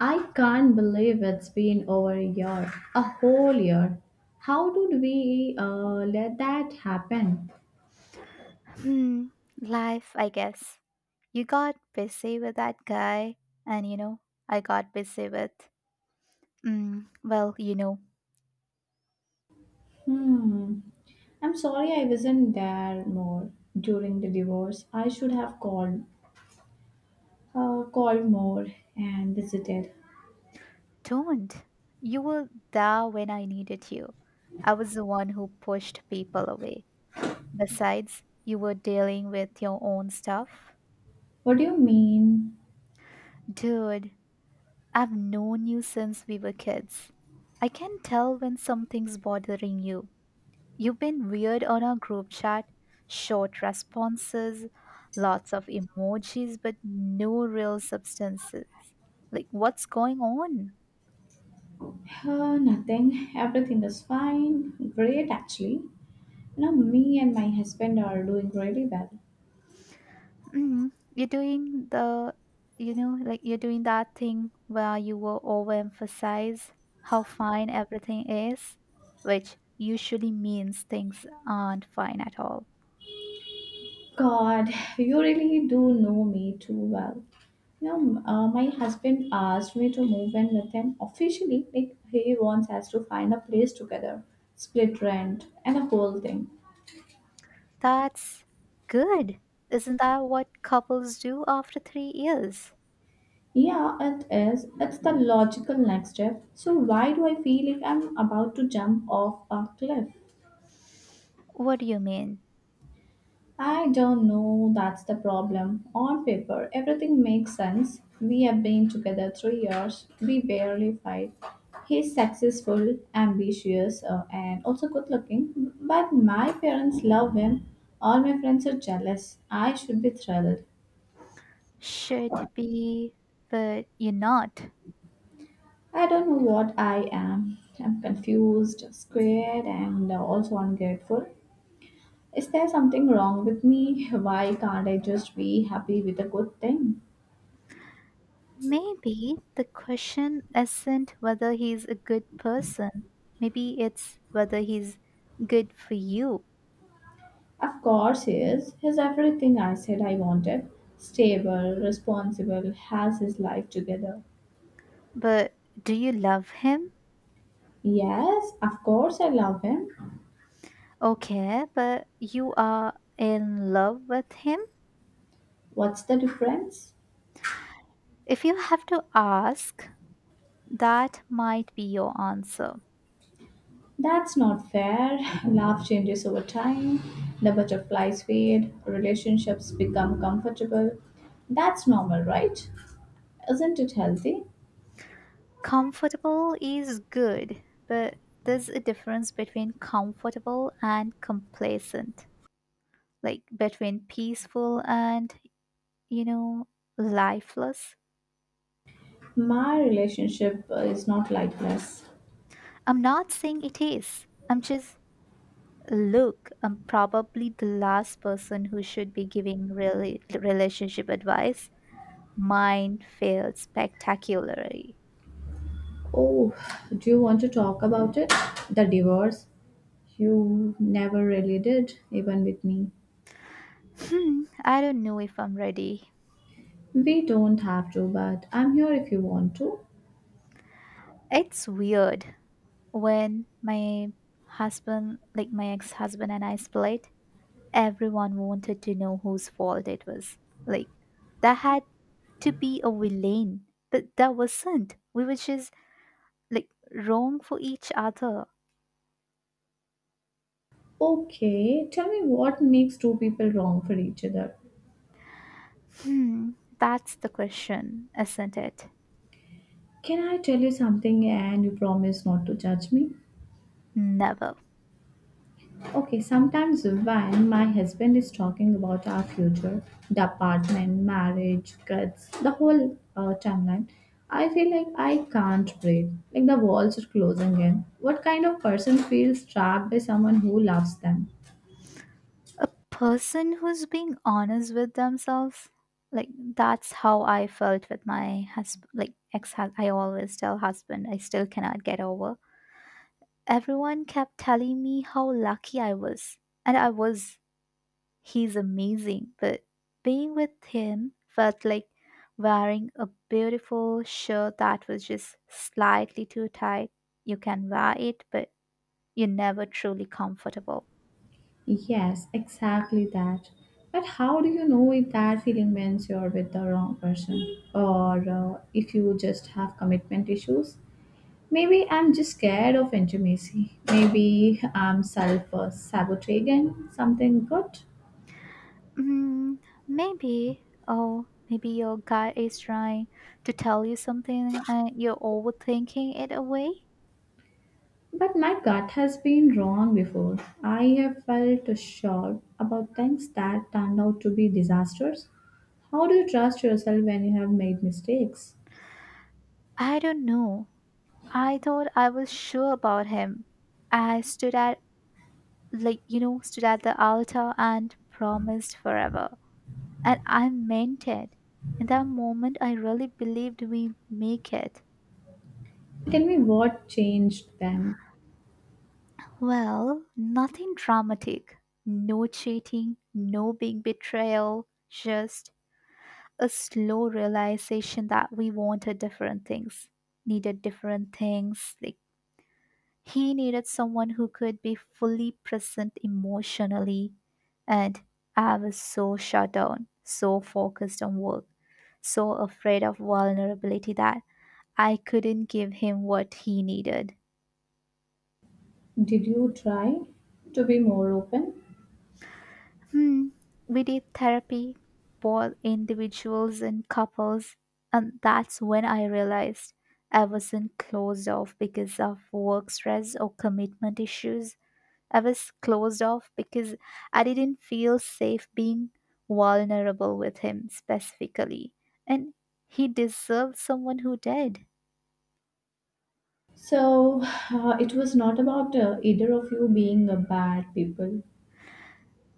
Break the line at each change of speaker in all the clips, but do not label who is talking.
I can't believe it's been over a year, a whole year. How did we let that happen?
Hmm, Life, I guess. You got busy with that guy, and I got busy with. Well,
Hmm. I'm sorry I wasn't there more during the divorce. I should have called, called more and visited.
don't. You were there when I needed you. I was the one who pushed people away. Besides, you were dealing with your own stuff.
What do you mean?
Dude, I've known you since we were kids. I can tell when something's bothering you. You've been weird on our group chat, short responses, lots of emojis, but no real substances. Like, what's going on?
Nothing. Everything is fine. Great, actually. You know, me and my husband are doing really well.
You're doing the, like you're doing that thing where you will overemphasize how fine everything is, which usually means things aren't fine at all.
God, you really do know me too well. You know, my husband asked me to move in with him officially. Like he wants us to find a place together, split rent, and a whole thing.
That's good. Isn't that what couples do after 3 years?
Yeah, it is. It's the logical next step. So why do I feel like I'm about to jump off a cliff?
What do you mean?
I don't know, that's the problem. On paper, everything makes sense. We have been together 3 years. We barely fight. He's successful, ambitious, and also good looking. But my parents love him. All my friends are jealous. I should be thrilled.
Should be, but you're not.
I don't know what I am. I'm confused, scared, and also ungrateful. Is there something wrong with me? Why can't I just be happy with a good thing?
Maybe the question isn't whether he's a good person. Maybe it's whether he's good for you.
Of course he is. He's everything I said I wanted. Stable, responsible, has his life together.
But do you love him?
Yes, of course I love him.
Okay, but you are in love with him?
What's the difference?
If you have to ask, that might be your answer.
That's not fair. Love changes over time. The butterflies fade. Relationships become comfortable. That's normal, right? Isn't it healthy?
Comfortable is good, but there's a difference between comfortable and complacent, like between peaceful and, you know, lifeless.
My relationship is not like this.
I'm not saying it is. I'm just, look, I'm probably the last person who should be giving really relationship advice. Mine failed spectacularly.
Oh, do you want to talk about it? The divorce? You never really did, even with me.
I don't know if I'm ready.
We don't have to, but I'm here if you want to.
It's weird when my husband, like my ex husband, and I split, everyone wanted to know whose fault it was. Like, that had to be a villain. But that wasn't. We were just like wrong for each other.
Okay, tell me what makes two people wrong for each other.
Hmm, that's the question, isn't it?
Can I tell you something and you promise not to judge me?
Never.
Okay, sometimes when my husband is talking about our future, the apartment, marriage, kids, the whole timeline, I feel like I can't breathe. Like the walls are closing in. What kind of person feels trapped by someone who loves them?
A person who's being honest with themselves. Like that's how I felt with my husband. Like ex, I always tell husband I still cannot get over. Everyone kept telling me how lucky I was, and I was. He's amazing, but being with him felt like wearing a beautiful shirt that was just slightly too tight. You can wear it, but you're never truly comfortable.
Yes, exactly that. But how do you know if that feeling means you're with the wrong person or if you just have commitment issues? Maybe I'm just scared of intimacy. Maybe I'm self sabotaging something good.
Mm, maybe, oh, maybe your guy is trying to tell you something and you're overthinking it away.
But my gut has been wrong before. I have felt sure about things that turned out to be disasters. How do you trust yourself when you have made mistakes?
I don't know. I thought I was sure about him. I stood at, like, you know, stood at the altar and promised forever. And I meant it. In that moment, I really believed we make it.
Tell me what changed then.
Well, nothing dramatic. No cheating, no big betrayal, just a slow realization that we wanted different things, needed different things. Like he needed someone who could be fully present emotionally, and I was so shut down, so focused on work, so afraid of vulnerability that I couldn't give him what he needed.
Did you try to be more open?
Hmm. We did therapy, both individuals and couples, and that's when I realized I wasn't closed off because of work stress or commitment issues. I was closed off because I didn't feel safe being vulnerable with him specifically. And he deserved someone who did.
So, it was not about either of you being bad people.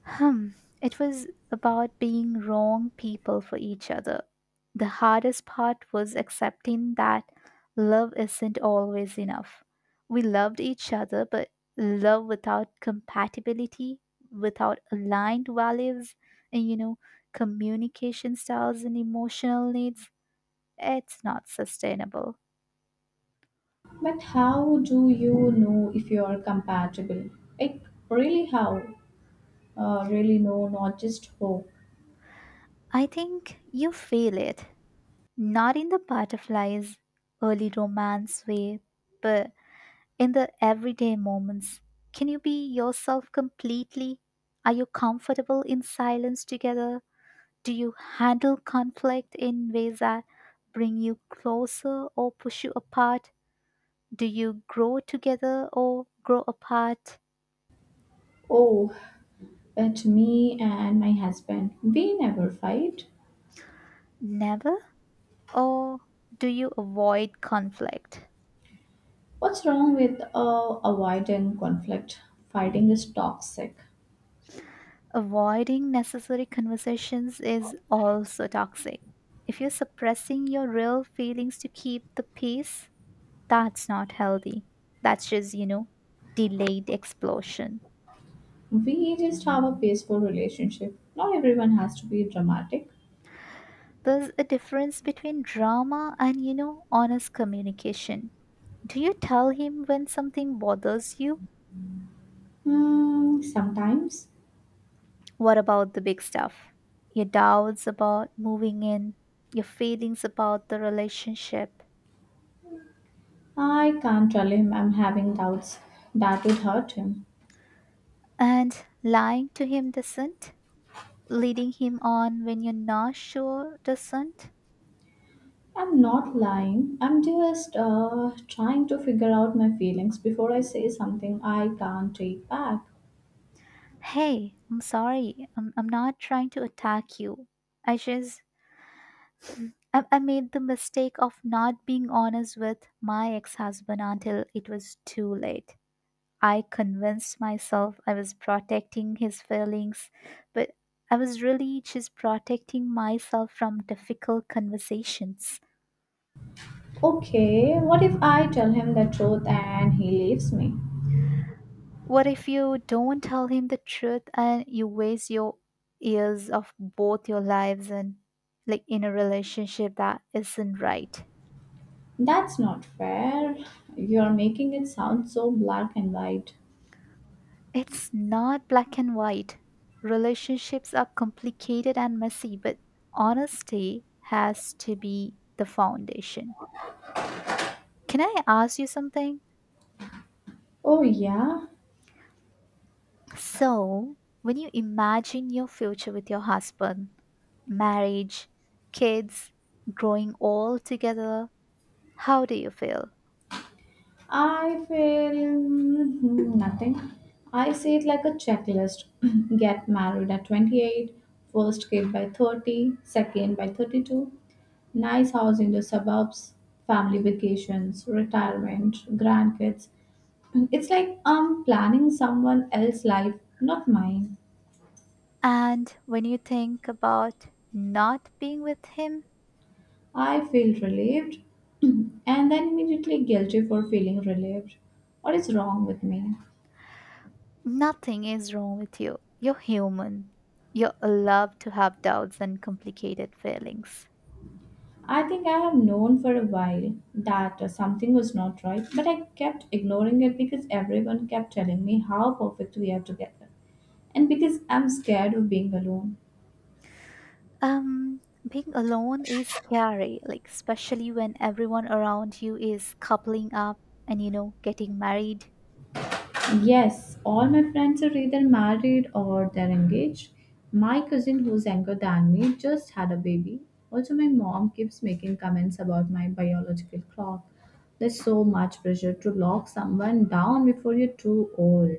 Hmm, it was about being wrong people for each other. The hardest part was accepting that love isn't always enough. We loved each other, but love without compatibility, without aligned values, and communication styles and emotional needs, it's not sustainable.
But how do you know if you are compatible? Like, really, how? Really, no, not just how.
I think you feel it, not in the butterflies, early romance way, but in the everyday moments, can you be yourself completely? Are you comfortable in silence together? Do you handle conflict in ways that bring you closer or push you apart? Do you grow together or grow apart?
Oh, but me and my husband, we never fight.
Never? Or do you avoid conflict?
What's wrong with avoiding conflict? Fighting is toxic.
Avoiding necessary conversations is also toxic. If you're suppressing your real feelings to keep the peace, that's not healthy. That's just, delayed explosion.
We just have a peaceful relationship. Not everyone has to be dramatic.
There's a difference between drama and, honest communication. Do you tell him when something bothers you?
Hmm, sometimes.
What about the big stuff? Your doubts about moving in, your feelings about the relationship,
I can't tell him I'm having doubts. That would hurt him.
and lying to him doesn't? Leading him on when you're not sure doesn't?
I'm not lying. I'm just trying to figure out my feelings before I say something I can't take back.
Hey, I'm sorry. I'm not trying to attack you. I just I made the mistake of not being honest with my ex husband until it was too late. I convinced myself I was protecting his feelings, but I was really just protecting myself from difficult conversations.
Okay, what if I tell him the truth and he leaves me?
What if you don't tell him the truth and you waste your years of both your lives and like in a relationship that isn't right?
That's not fair. You're making it sound so black and white.
It's not black and white. Relationships are complicated and messy, but honesty has to be the foundation. Can I ask you something?
Oh, yeah.
So, when you imagine your future with your husband, marriage, kids, growing all together, how do you feel?
I feel nothing. I see it like a checklist. Get married at 28, first kid by 30, second by 32. Nice house in the suburbs, family vacations, retirement, grandkids. It's like I'm planning someone else's life, not mine.
And when you think about not being with him?
I feel relieved, and then immediately guilty for feeling relieved. What is wrong with me?
Nothing is wrong with you. You're human. You're allowed to have doubts and complicated feelings.
I think I have known for a while that something was not right, but I kept ignoring it because everyone kept telling me how perfect we are together and because I'm scared of being alone.
Um, Being alone is scary, like, especially when everyone around you is coupling up and, getting married.
Yes, all my friends are either married or they're engaged. My cousin, who's younger than me, just had a baby. Also, my mom keeps making comments about my biological clock. There's so much pressure to lock someone down before you're too old.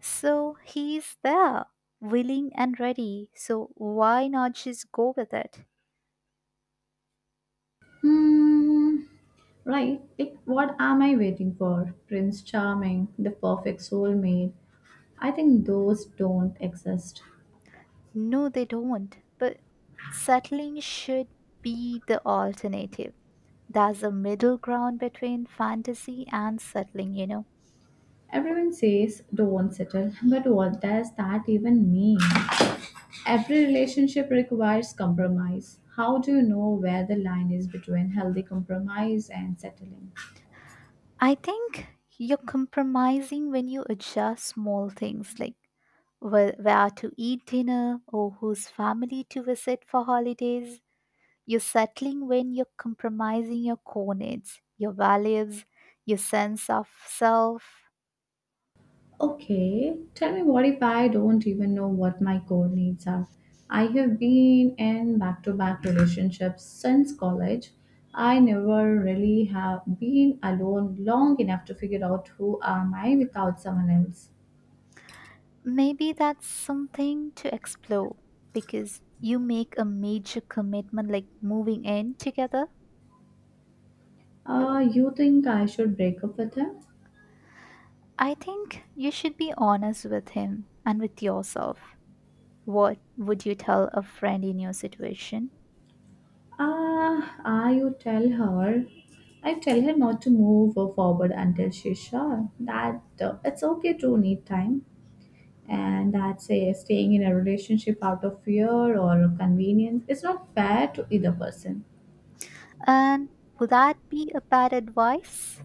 So he's there, willing and ready. So why not just go with it?
Hmm, right. Like, what am I waiting for? Prince Charming, the perfect soulmate. I think those don't exist.
No, they don't. But settling should be the alternative. There's a middle ground between fantasy and settling.
Everyone says don't settle, but what does that even mean? Every relationship requires compromise. How do you know where the line is between healthy compromise and settling?
I think you're compromising when you adjust small things like where to eat dinner or whose family to visit for holidays. You're settling when you're compromising your core needs, your values, your sense of self.
Okay, tell me, what if I don't even know what my core needs are? I have been in back to back relationships since college. I never really have been alone long enough to figure out who am I without someone else.
Maybe that's something to explore because you make a major commitment like moving in together.
You think I should break up with him?
I think you should be honest with him and with yourself. What would you tell a friend in your situation?
Ah, you tell her. I tell her not to move forward until she's sure, that it's okay to need time and that say staying in a relationship out of fear or convenience is not fair to either person.
And would that be a bad advice?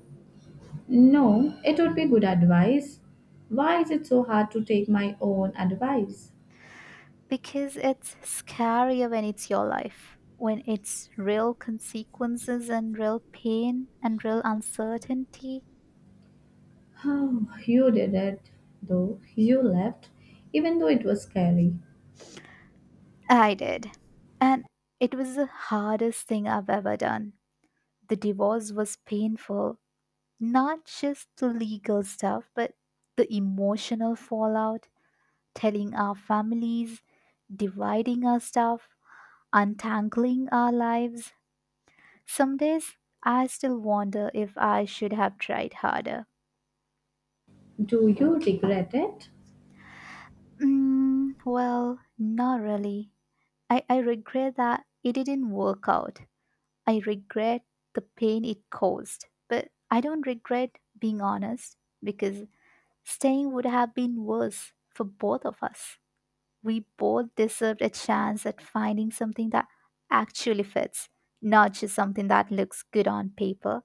No, it would be good advice. Why is it so hard to take my own advice?
Because it's scarier when it's your life, when it's real consequences and real pain and real uncertainty.
Oh, you did it, though. You left, even though it was scary.
I did. And it was the hardest thing I've ever done. The divorce was painful, not just the legal stuff, but the emotional fallout, telling our families, dividing our stuff, untangling our lives. Some days I still wonder if I should have tried harder.
Do you regret it?
Well, not really. I regret that it didn't work out. I regret the pain it caused, but I don't regret being honest because staying would have been worse for both of us. We both deserved a chance at finding something that actually fits, not just something that looks good on paper.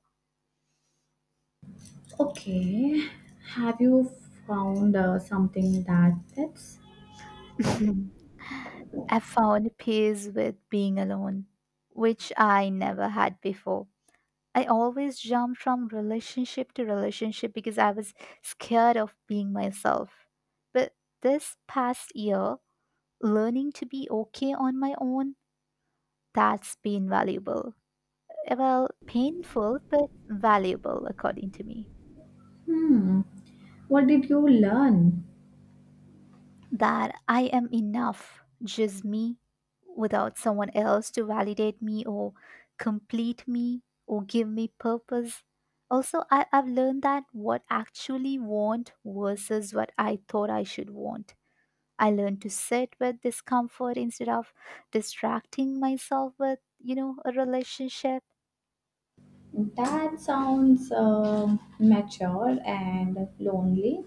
Okay, have you found something that fits?
I found peace with being alone, which I never had before. I always jumped from relationship to relationship because I was scared of being myself. But this past year, learning to be okay on my own, that's been valuable. Well, painful, but valuable, according to me.
Hmm, what did you learn?
That I am enough, just me, without someone else to validate me or complete me or give me purpose. Also, I've learned that what actually want versus what I thought I should want. I learned to sit with discomfort instead of distracting myself with, a relationship.
That sounds mature and lonely,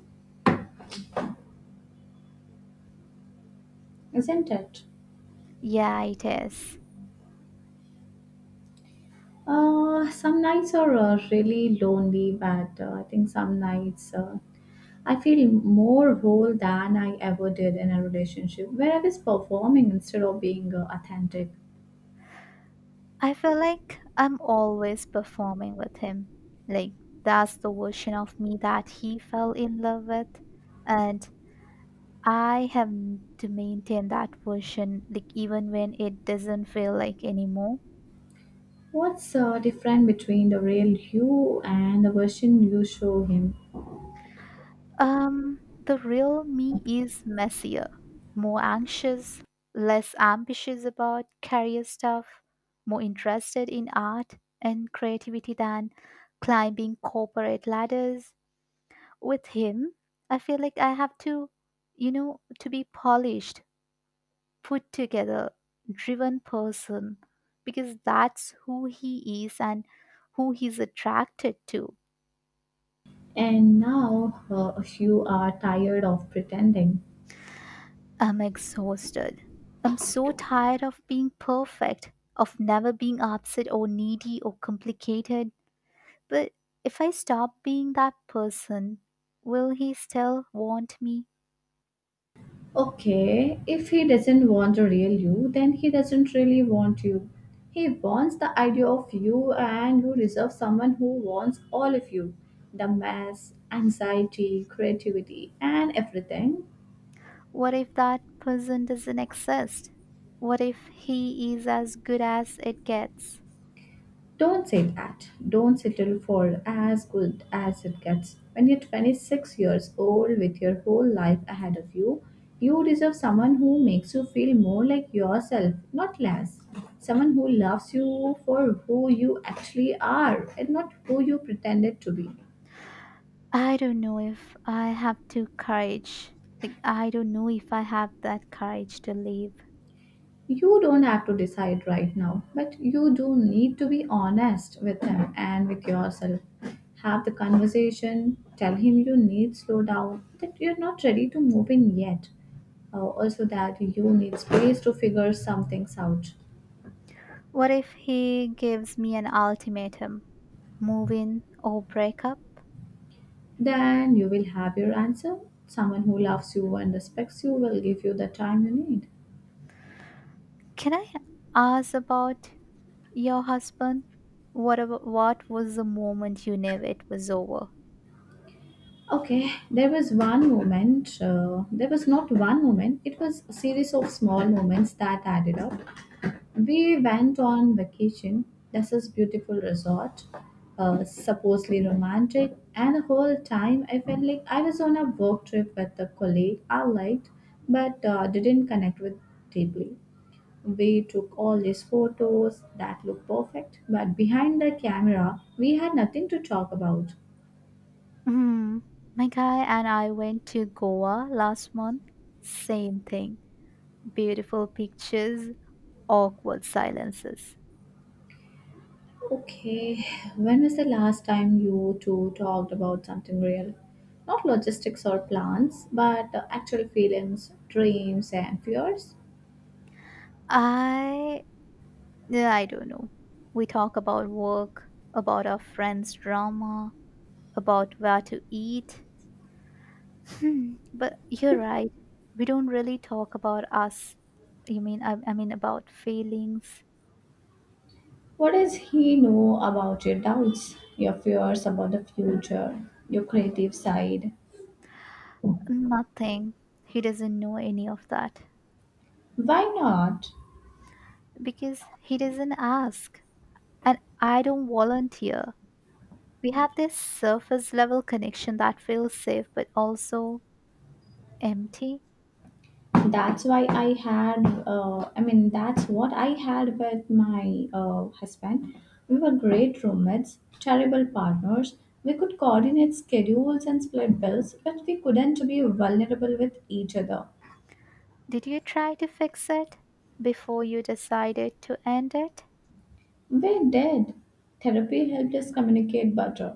isn't it?
Yeah, it is.
Some nights are really lonely, but I think some nights I feel more whole than I ever did in a relationship where I was performing instead of being authentic.
I feel like I'm always performing with him. Like, that's the version of me that he fell in love with. And I have to maintain that version, like, even when it doesn't feel like anymore.
What's different between the real you and the version you show him?
Um, the real me is messier, more anxious, less ambitious about career stuff, more interested in art and creativity than climbing corporate ladders. With him, I feel like I have to be polished, put together, driven person because that's who he is and who he's attracted to.
And now you are tired of pretending.
I'm exhausted. I'm so tired of being perfect, of never being upset or needy or complicated. But if I stop being that person, will he still want me?
Okay, if he doesn't want the real you, then he doesn't really want you. He wants the idea of you, and you deserve someone who wants all of you, the mess, anxiety, creativity, and everything.
What if that person doesn't exist? What if he is as good as it gets?
Don't say that. Don't settle for as good as it gets. When you're 26 years old with your whole life ahead of you, you deserve someone who makes you feel more like yourself, not less. Someone who loves you for who you actually are and not who you pretended to be.
I don't know if I have to courage. Like I don't know if I have that courage to leave.
You don't have to decide right now, but you do need to be honest with him and with yourself. Have the conversation, tell him you need slow down, that you're not ready to move in yet, also that you need space to figure some things out.
What if he gives me an ultimatum? Move in or break up?
Then you will have your answer. Someone who loves you and respects you will give you the time you need.
Can I ask about your husband? What was the moment you knew it was over?
Okay, there was one moment, there was not one moment, it was a series of small moments that added up. We went on vacation. This is beautiful resort, supposedly romantic, and the whole time I felt like I was on a work trip with a colleague I liked, but didn't connect with deeply. We took all these photos that looked perfect, but behind the camera, we had nothing to talk about.
Hmm. My guy and I went to Goa last month. Same thing. Beautiful pictures, awkward silences.
Okay, when was the last time you two talked about something real? Not logistics or plans, but actual feelings, dreams, and fears?
I Yeah, I don't know. We talk about work, about our friends' drama, about where to eat. But you're right. We don't really talk about us. You mean I mean about feelings?
What does he know about your doubts, your fears about the future, your creative side?
Nothing. He doesn't know any of that
Why not?
because he doesn't ask and I don't volunteer. We have this surface level connection that feels safe but also empty.
That's why I had I mean that's what I had with my husband. We were great roommates, terrible partners. We could coordinate schedules and split bills, but we couldn't be vulnerable with each other.
Did you try to fix it before you decided to end it?
We did therapy, helped us communicate better,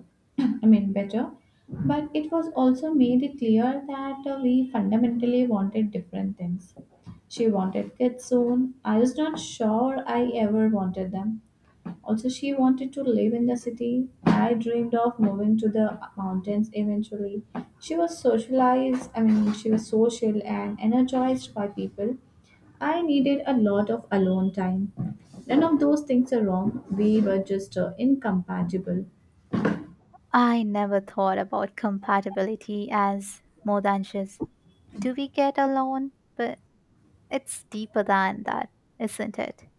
better. But it was also made it clear that we fundamentally wanted different things. She wanted kids soon. I was not sure I ever wanted them. Also, she wanted to live in the city. I dreamed of moving to the mountains eventually. She was socialized, I mean, she was social and energized by people. I needed a lot of alone time. None of those things are wrong. We were just incompatible.
I never thought about compatibility as more than just do we get along, but it's deeper than that, isn't it?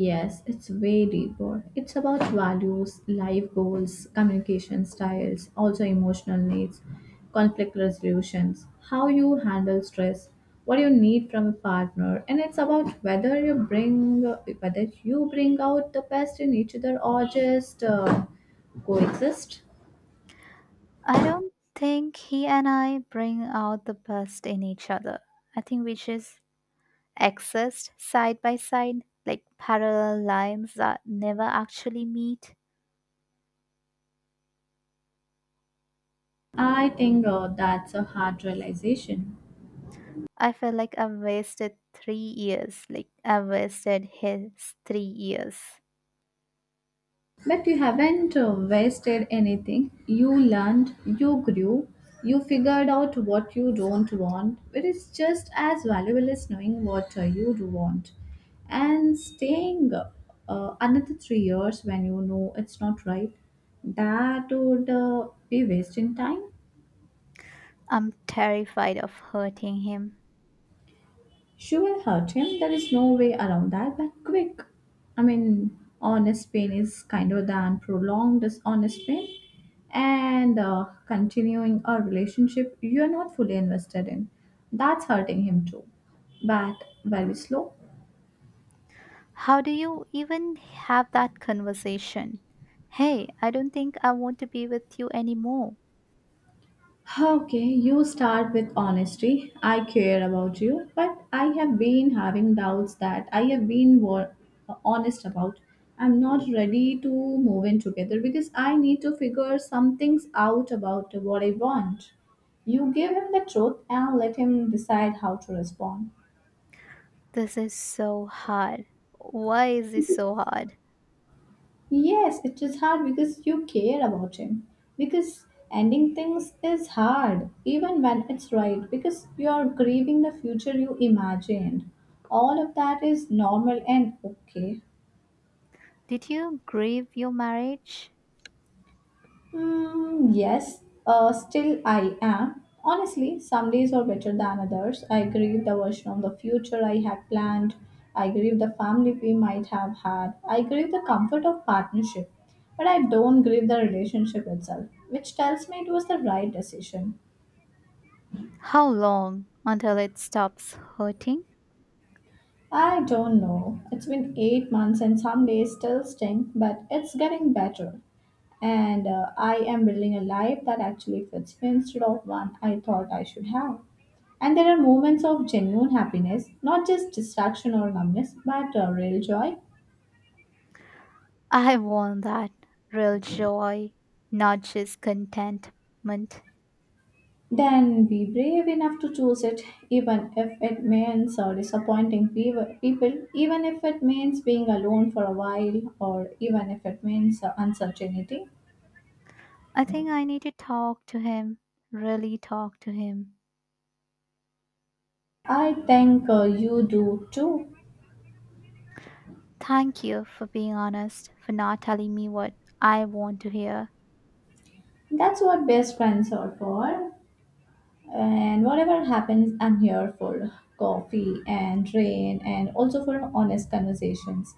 Yes, it's way deeper. It's about values, life goals, communication styles, also emotional needs, conflict resolutions, how you handle stress, what you need from a partner, and it's about whether you bring out the best in each other or just coexist.
I don't think he and I bring out the best in each other. I think we just exist side by side, like parallel lines that never actually meet.
I think that's a hard realization.
I feel like I've wasted 3 years. Like, I've wasted his 3 years.
But you haven't wasted anything. You learned, you grew, you figured out what you don't want, which is just as valuable as knowing what you do want. And staying another 3 years when you know it's not right, that would be wasting time.
I'm terrified of hurting him.
She will hurt him. There is no way around that. But honest pain is kinder than prolonged dishonest pain. And continuing a relationship you are not fully invested in. That's hurting him too. But very slow.
How do you even have that conversation? Hey, I don't think I want to be with you anymore.
Okay, you start with honesty. I care about you, but I have been having doubts that I have been honest about. I'm not ready to move in together because I need to figure some things out about what I want. You give him the truth and let him decide how to respond.
This is so hard. Why is this so hard?
Yes, it is hard because you care about him. Because ending things is hard, even when it's right, because you are grieving the future you imagined. All of that is normal and okay.
Did you grieve your marriage?
Mm, yes, still I am. Honestly, some days are better than others. I grieve the version of the future I had planned. I grieve the family we might have had. I grieve the comfort of partnership. But I don't grieve the relationship itself, which tells me it was the right decision.
How long until it stops hurting?
I don't know. It's been 8 months and some days still sting, but it's getting better. And I am building a life that actually fits me instead of one I thought I should have. And there are moments of genuine happiness, not just distraction or numbness, but real joy.
I want that real joy, not just contentment.
Then be brave enough to choose it, even if it means disappointing people, even if it means being alone for a while, or even if it means uncertainty.
I think I need to talk to him, really talk to him.
I think you do too.
Thank you for being honest, for not telling me what I want to hear,
That's what best friends are for. And whatever happens, I'm here for coffee and rain and also for honest conversations.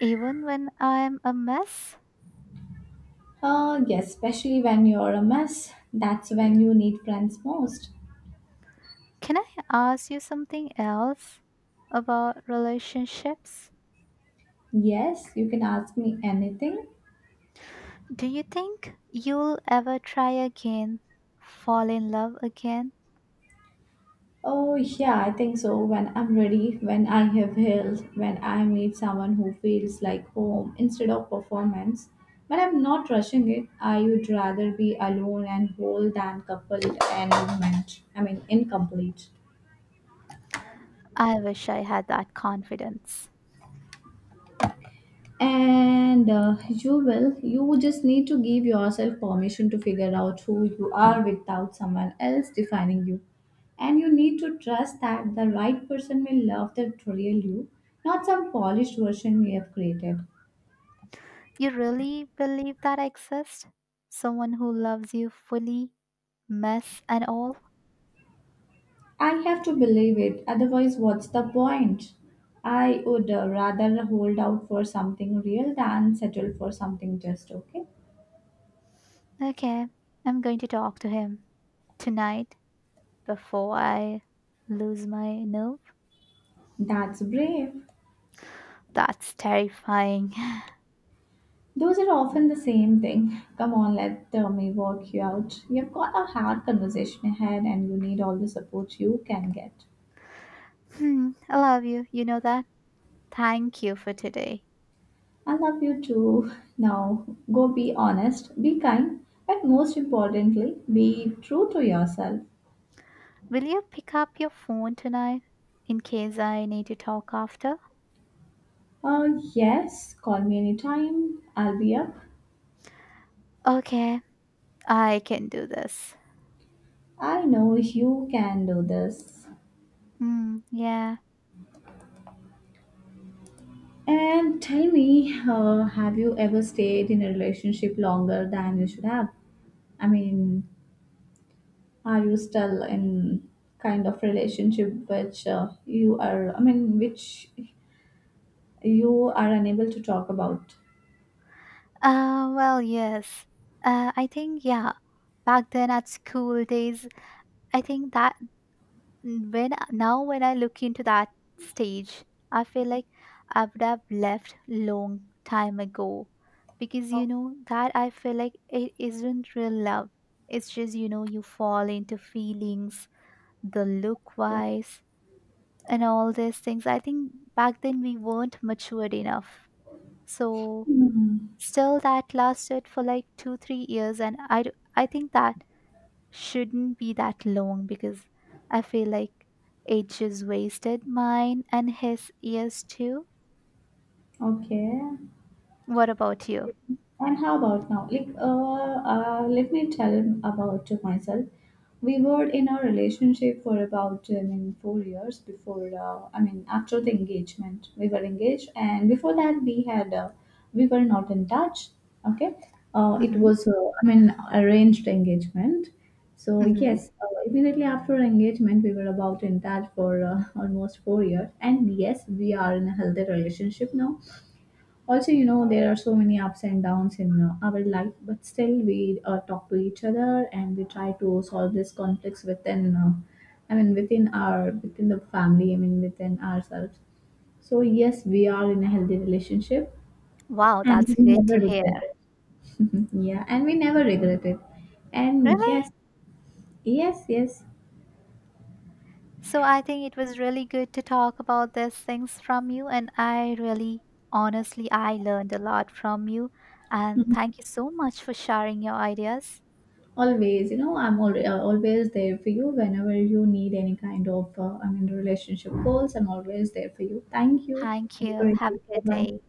even when I'm a mess.
Yes, especially when you're a mess. That's when you need friends most.
Can I ask you something else about relationships?
Yes, you can ask me anything.
Do you think you'll ever try again, fall in love again?
Oh, yeah, I think so. When I'm ready, when I have health, when I meet someone who feels like home instead of performance, when I'm not rushing it, I would rather be alone and whole than coupled and incomplete.
I wish I had that confidence.
And you will, you just need to give yourself permission to figure out who you are without someone else defining you. And you need to trust that the right person will love the real you, not some polished version you have created.
You really believe that exists? Someone who loves you fully, mess and all?
I have to believe it; otherwise, what's the point? I would rather hold out for something real than settle for something just okay.
Okay, I'm going to talk to him tonight before I lose my nerve.
That's brave.
That's terrifying.
Those are often the same thing. Come on, let me work you out. You've got a hard conversation ahead and you need all the support you can get.
I love you. You know that? Thank you for today.
I love you too. Now, go be honest, be kind, but most importantly, be true to yourself.
Will you pick up your phone tonight in case I need to talk after?
Uh, yes, call me anytime. I'll be up.
Okay, I can do this.
I know you can do this.
Mm, yeah.
And tell me, have you ever stayed in a relationship longer than you should have? I mean, Are you still in kind of relationship which you are, which you are unable to talk about?
Well, yes. I think, yeah. Back then at school days, I think that now when I look into that stage, I feel like I would have left long time ago because you know that I feel like it isn't real love. It's just, you fall into feelings, the look
Okay.
wise, and all these things. I think back then we weren't matured enough, so
Hmm.
still that lasted for like 2-3 years, and I think that shouldn't be that long because I feel like age is wasted, mine and his is too.
Okay.
What about you?
And how about now? Like, let me tell him about myself. We were in a relationship for about, 4 years before, after the engagement. We were engaged, and before that, we had, we were not in touch. Okay. It
Mm-hmm.
was, arranged engagement. So,
Mm-hmm.
yes, immediately after engagement, we were about in touch for almost 4 years. And yes, we are in a healthy relationship now also. You know, there are so many ups and downs in our life, but still we talk to each other and we try to solve these conflicts within within our within the family, within ourselves. So yes, we are in a healthy relationship
Wow,
and
that's
we
good
never
to hear.
regret it. Yeah, and we never regret it. And
Really?
yes yes yes
So I think it was really good to talk about these things from you, and I really, honestly, I learned a lot from you. And thank you so much for sharing your ideas.
Always, you know, always there for you whenever you need any kind of, relationship goals. I'm always there for you. Thank you.
Thank
Have a
you.
great
Have
day.
a good
Bye bye.
day.